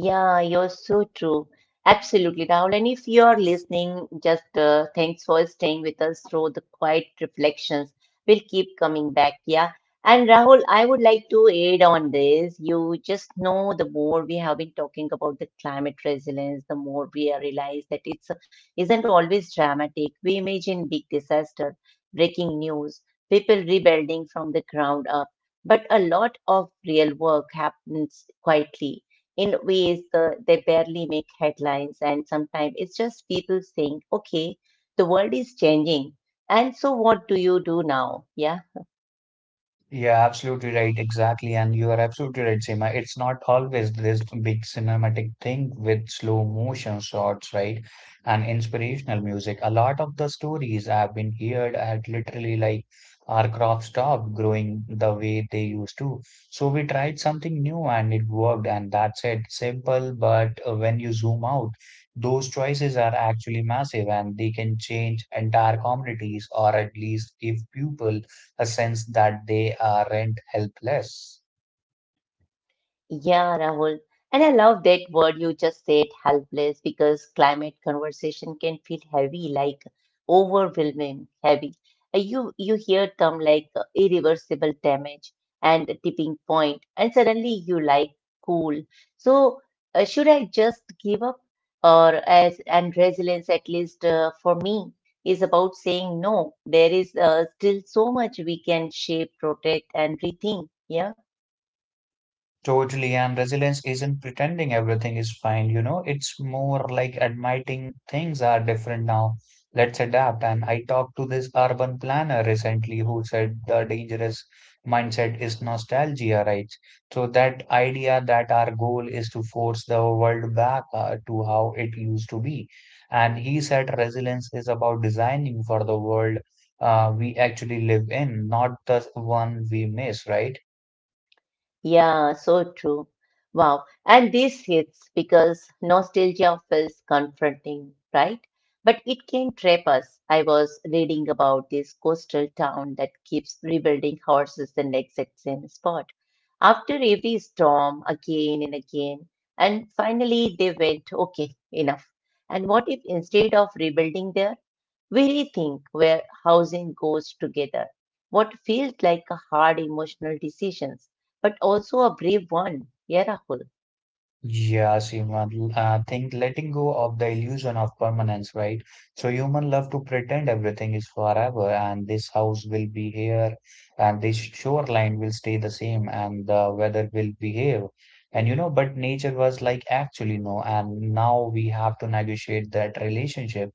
A: Yeah, you're so true. Absolutely, Rahul. And if you're listening, just thanks for staying with us through the quiet reflections. We'll keep coming back. Yeah. And Rahul, I would like to add on this. You just know the more we have been talking about the climate resilience, the more we are realize that it's isn't always dramatic. We imagine big disaster, breaking news, people rebuilding from the ground up, but a lot of real work happens quietly in ways the, they barely make headlines and sometimes it's just people saying okay the world is changing and so what do you do now yeah
B: Yeah, absolutely right. Exactly. And you are absolutely right, Seema. It's not always this big cinematic thing with slow motion shots, right? And inspirational music. A lot of the stories I've been heard at literally like our crops stopped growing the way they used to. So we tried something new and it worked, and that's it. Simple, but when you zoom out, those choices are actually massive and they can change entire communities or at least give people a sense that they aren't helpless.
A: Yeah, Rahul. And I love that word you just said, helpless, because climate conversation can feel heavy, like overwhelming, heavy. You hear term like irreversible damage and the tipping point, and suddenly you like cool. So should I just give up? Or as and resilience, at least for me, is about saying no. There is still so much we can shape, protect, and rethink. Yeah.
B: Totally, and resilience isn't pretending everything is fine, you know, it's more like admitting things are different now. Let's adapt. And I talked to this urban planner recently who said the dangerous mindset is nostalgia, right? So that idea that our goal is to force the world back to how it used to be. And he said resilience is about designing for the world we actually live in, not the one we miss, right?
A: Yeah, so true. Wow. And this hits because nostalgia feels confronting, right? But it can trap us. I was reading about this coastal town that keeps rebuilding houses in the exact same spot. After every storm, again and again. And finally, they went, okay, enough. And what if instead of rebuilding there, we rethink where housing goes together? What feels like a hard emotional decision? But also a brave one. Yeah, Rahul.
B: Yeah, Seema, I think letting go of the illusion of permanence, right? So human love to pretend everything is forever and this house will be here and this shoreline will stay the same and the weather will behave. And you know, but nature was like actually no, and now we have to negotiate that relationship,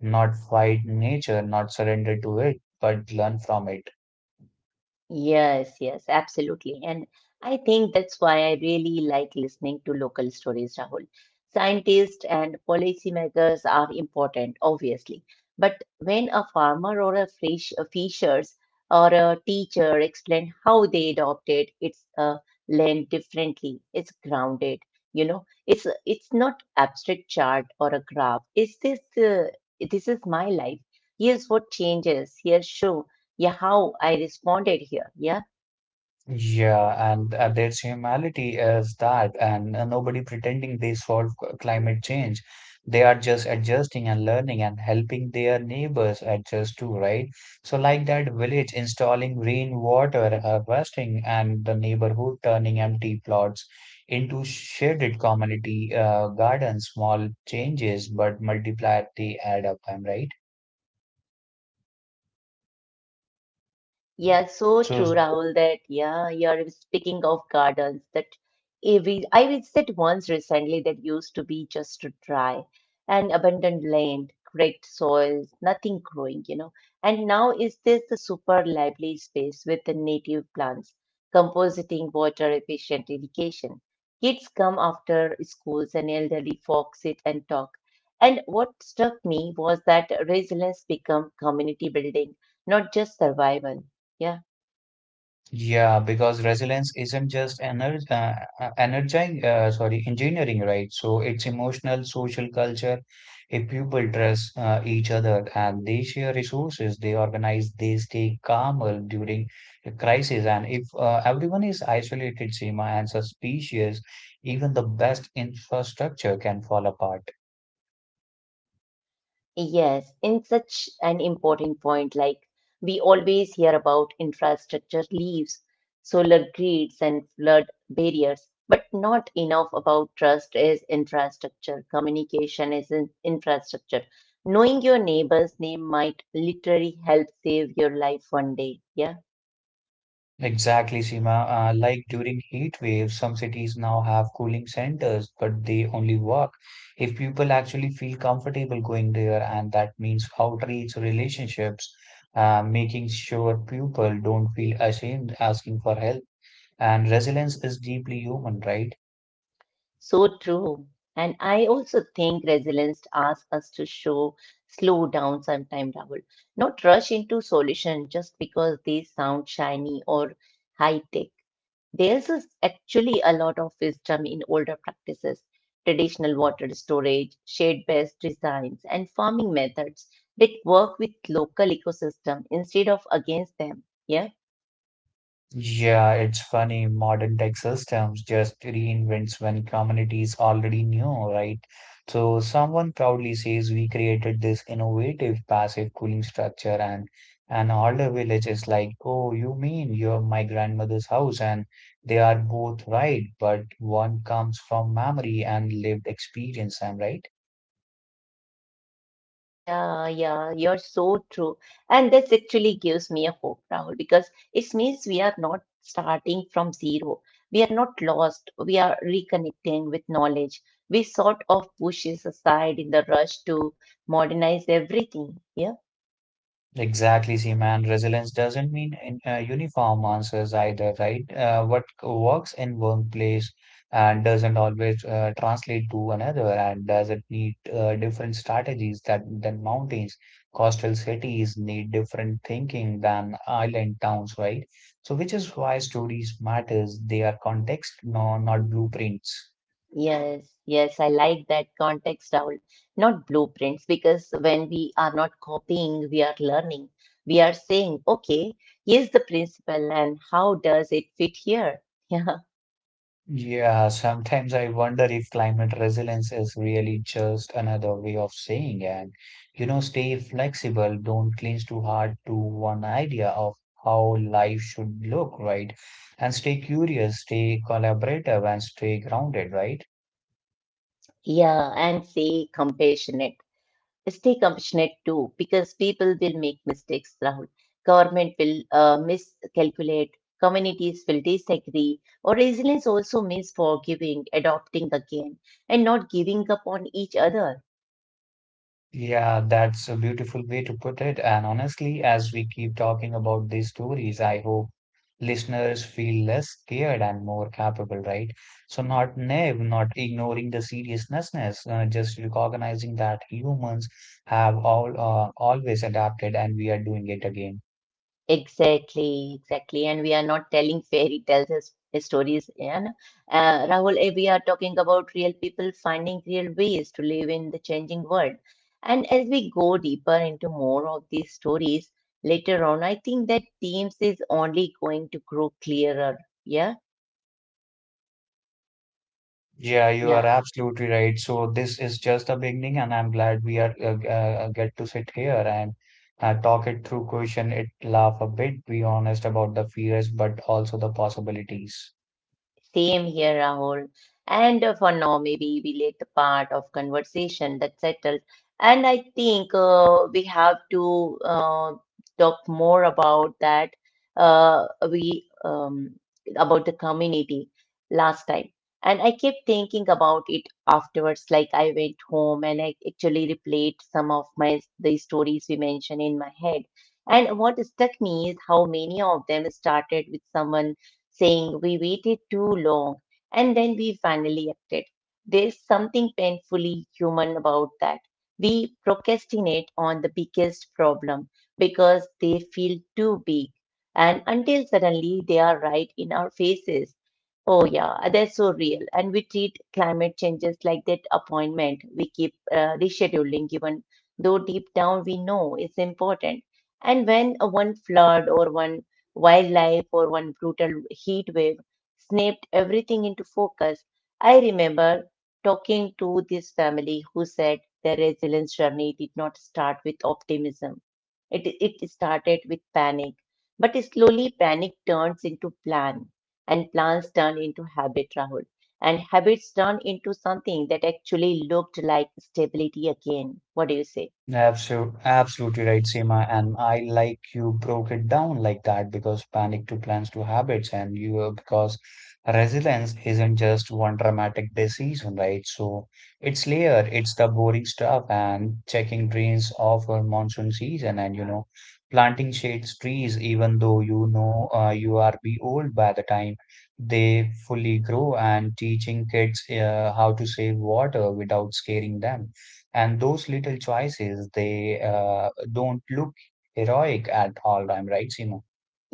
B: not fight nature, not surrender to it, but learn from it.
A: Yes, yes, absolutely. And I think that's why I really like listening to local stories, Rahul. Scientists and policymakers are important, obviously. But when a farmer or a fish, a fishers or a teacher explain how they adopted its land differently, it's grounded. You know, it's not abstract chart or a graph. It's this. This is my life. Here's what changes. Here's show. Yeah, how I responded here. Yeah.
B: Yeah, and there's humanity is that, and nobody pretending they solve climate change. They are just adjusting and learning and helping their neighbors adjust too, right? So, like that village installing rainwater harvesting and the neighborhood turning empty plots into shaded community gardens, small changes, but multiply, they add up, I'm right?
A: Yeah, so
B: So,
A: true, Rahul, that yeah, you're speaking of gardens that I visited once recently that used to be just dry and abandoned land, great soil, nothing growing, you know. And now is this the super lively space with the native plants, compositing, water efficient irrigation. Kids come after schools and elderly folk sit and talk. And what struck me was that resilience become community building, not just survival. Yeah.
B: Yeah, because resilience isn't just energy, energy, sorry, engineering, right? So it's emotional, social culture. If people trust each other and they share resources, they organize, they stay calmer during a crisis. And if everyone is isolated, Seema, and suspicious, even the best infrastructure can fall apart.
A: Yes, in such an important point, like we always hear about infrastructure leaves, solar grids, and flood barriers, but not enough about trust is infrastructure. Communication is in infrastructure. Knowing your neighbor's name might literally help save your life one day. Yeah.
B: Exactly, Seema. Like during heat waves, some cities now have cooling centers, but they only work if people actually feel comfortable going there, and that means outreach relationships, making sure people don't feel ashamed asking for help. And resilience is deeply human, right?
A: So true. And I also think resilience asks us to show slow down sometime, Rahul. Not rush into solution just because they sound shiny or high tech. There's is actually a lot of wisdom in older practices, traditional water storage, shade-based designs, and farming methods that work with local ecosystem instead of against them. Yeah.
B: Yeah, it's funny. Modern tech systems just reinvents when communities already knew, right? So someone proudly says we created this innovative passive cooling structure and an older village is like, oh, you mean you're my grandmother's house? And they are both right, but one comes from memory and lived experience, am I right?
A: Yeah, you're so true. And this actually gives me a hope, Rahul, because it means we are not starting from zero. We are not lost. We are reconnecting with knowledge. We sort of push it aside in the rush to modernize everything. Yeah.
B: Exactly, Seema, and resilience doesn't mean uniform answers either, right? What works in one place and doesn't always translate to another, and does it need different strategies that than mountains? Coastal cities need different thinking than island towns, right? So, which is why stories matters. They are context, no, not blueprints.
A: Yes, yes, I like that context, Rahul. Not blueprints, because when we are not copying, we are learning. We are saying, okay, here's the principle, and how does it fit here? [LAUGHS] Yeah.
B: Yeah, sometimes I wonder if climate resilience is really just another way of saying and you know, stay flexible, don't cling too hard to one idea of how life should look, right? And stay curious, stay collaborative, and stay grounded, right?
A: Yeah, and stay compassionate. Stay compassionate too, because people will make mistakes, Rahul. Government will miscalculate, communities will disagree, or resilience also means forgiving, adopting again, and not giving up on each other.
B: Yeah, that's a beautiful way to put it. And honestly, as we keep talking about these stories, I hope listeners feel less scared and more capable, right? So, not naive, not ignoring the seriousness, just recognizing that humans have all always adapted and we are doing it again.
A: Exactly, exactly. And we are not telling fairy tales as stories, and Rahul, we are talking about real people finding real ways to live in the changing world. And as we go deeper into more of these stories later on, I think that themes is only going to grow clearer. Yeah,
B: Yeah, you are
A: yeah,
B: absolutely right. So this is just the beginning, and I'm glad we are get to sit here and talk it through, question it, laugh a bit, be honest about the fears, but also the possibilities.
A: same here, Rahul. And for now, maybe we let the part of conversation that's settled. And I think we have to talk more about that. We about the community last time. And I kept thinking about it afterwards, like I went home and I actually replayed some of my the stories we mentioned in my head. And what struck me is how many of them started with someone saying, we waited too long, and then we finally acted. There's something painfully human about that. We procrastinate on the biggest problem because they feel too big, and until suddenly they are right in our faces. Oh, yeah, that's so real. And we treat climate changes like that appointment we keep rescheduling, given though deep down we know it's important. And when one flood or one wildlife or one brutal heat wave snapped everything into focus, I remember talking to this family who said their resilience journey did not start with optimism. It started with panic, but slowly panic turns into plan and plans turn into habit, Rahul. And habits turn into something that actually looked like stability again. What do you say?
B: Absolutely, absolutely right, Seema. And I like you broke it down like that because panic to plans to habits, and you because resilience isn't just one dramatic decision, right? So it's layered. It's the boring stuff and checking drains of a monsoon season, and you know, planting shades trees, even though you know you are be old by the time they fully grow, and teaching kids how to save water without scaring them, and those little choices they don't look heroic at all time, right Seema?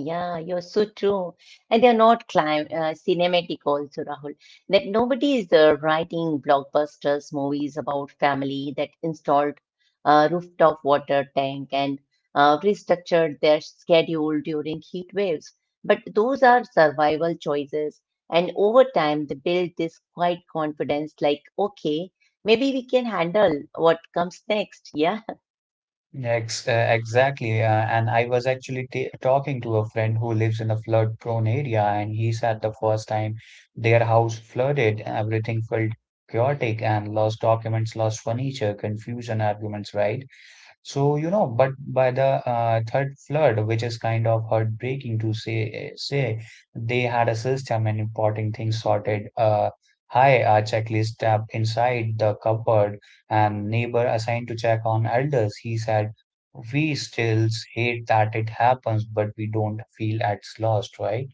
A: Yeah, you're so true. And they're not clim cinematic also, Rahul. That nobody is writing blockbusters movies about family that installed a rooftop water tank and restructured their schedule during heat waves. But those are survival choices. And over time, they build this quiet confidence like, okay, maybe we can handle what comes next. Yeah.
B: Exactly. And I was actually t talking to a friend who lives in a flood-prone area, and he said the first time their house flooded, everything felt chaotic and lost documents, lost furniture, confusion, arguments, right? So, you know, but by the third flood, which is kind of heartbreaking to say, they had a system and important things sorted. High a checklist tab inside the cupboard, and neighbor assigned to check on elders. He said, "We still hate that it happens, but we don't feel at lost, right?"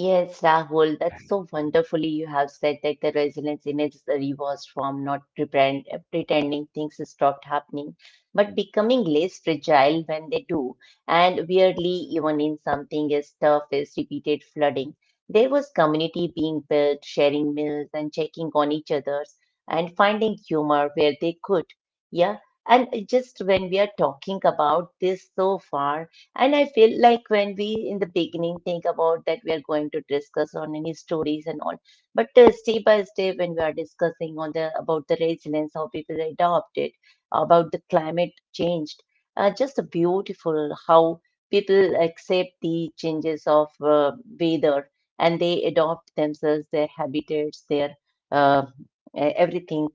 A: Yes, Rahul, that's so wonderfully you have said that the resilience in its rewards form not pretending things stopped happening, but becoming less fragile when they do. And weirdly, even in something as tough as repeated flooding, there was community being built, sharing meals and checking on each other's and finding humor where they could. Yeah. And just when we are talking about this so far, and I feel like when we in the beginning think about that we are going to discuss on any stories and all, but step by step when we are discussing on the about the resilience, how people adopt it, about the climate change, just beautiful how people accept the changes of weather and they adopt themselves, their habitats, their uh, everything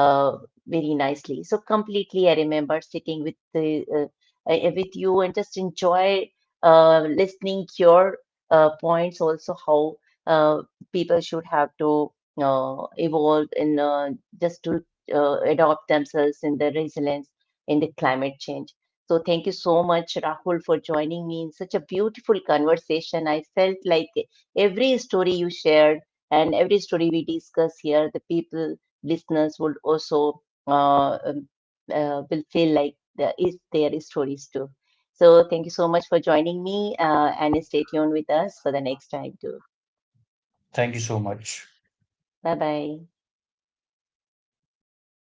A: uh, very nicely. So completely, I remember sitting with the with you and just enjoy listening your points also how uh, people should have to evolve in just to adopt themselves in the resilience in the climate change. So thank you so much, Rahul, for joining me in such a beautiful conversation. I felt like every story you shared and every story we discuss here, the people listeners will also uh, um, will feel like is their stories too. So thank you so much for joining me and stay tuned with us for the next time too.
B: Thank you so much.
A: Bye bye.
B: Bye bye.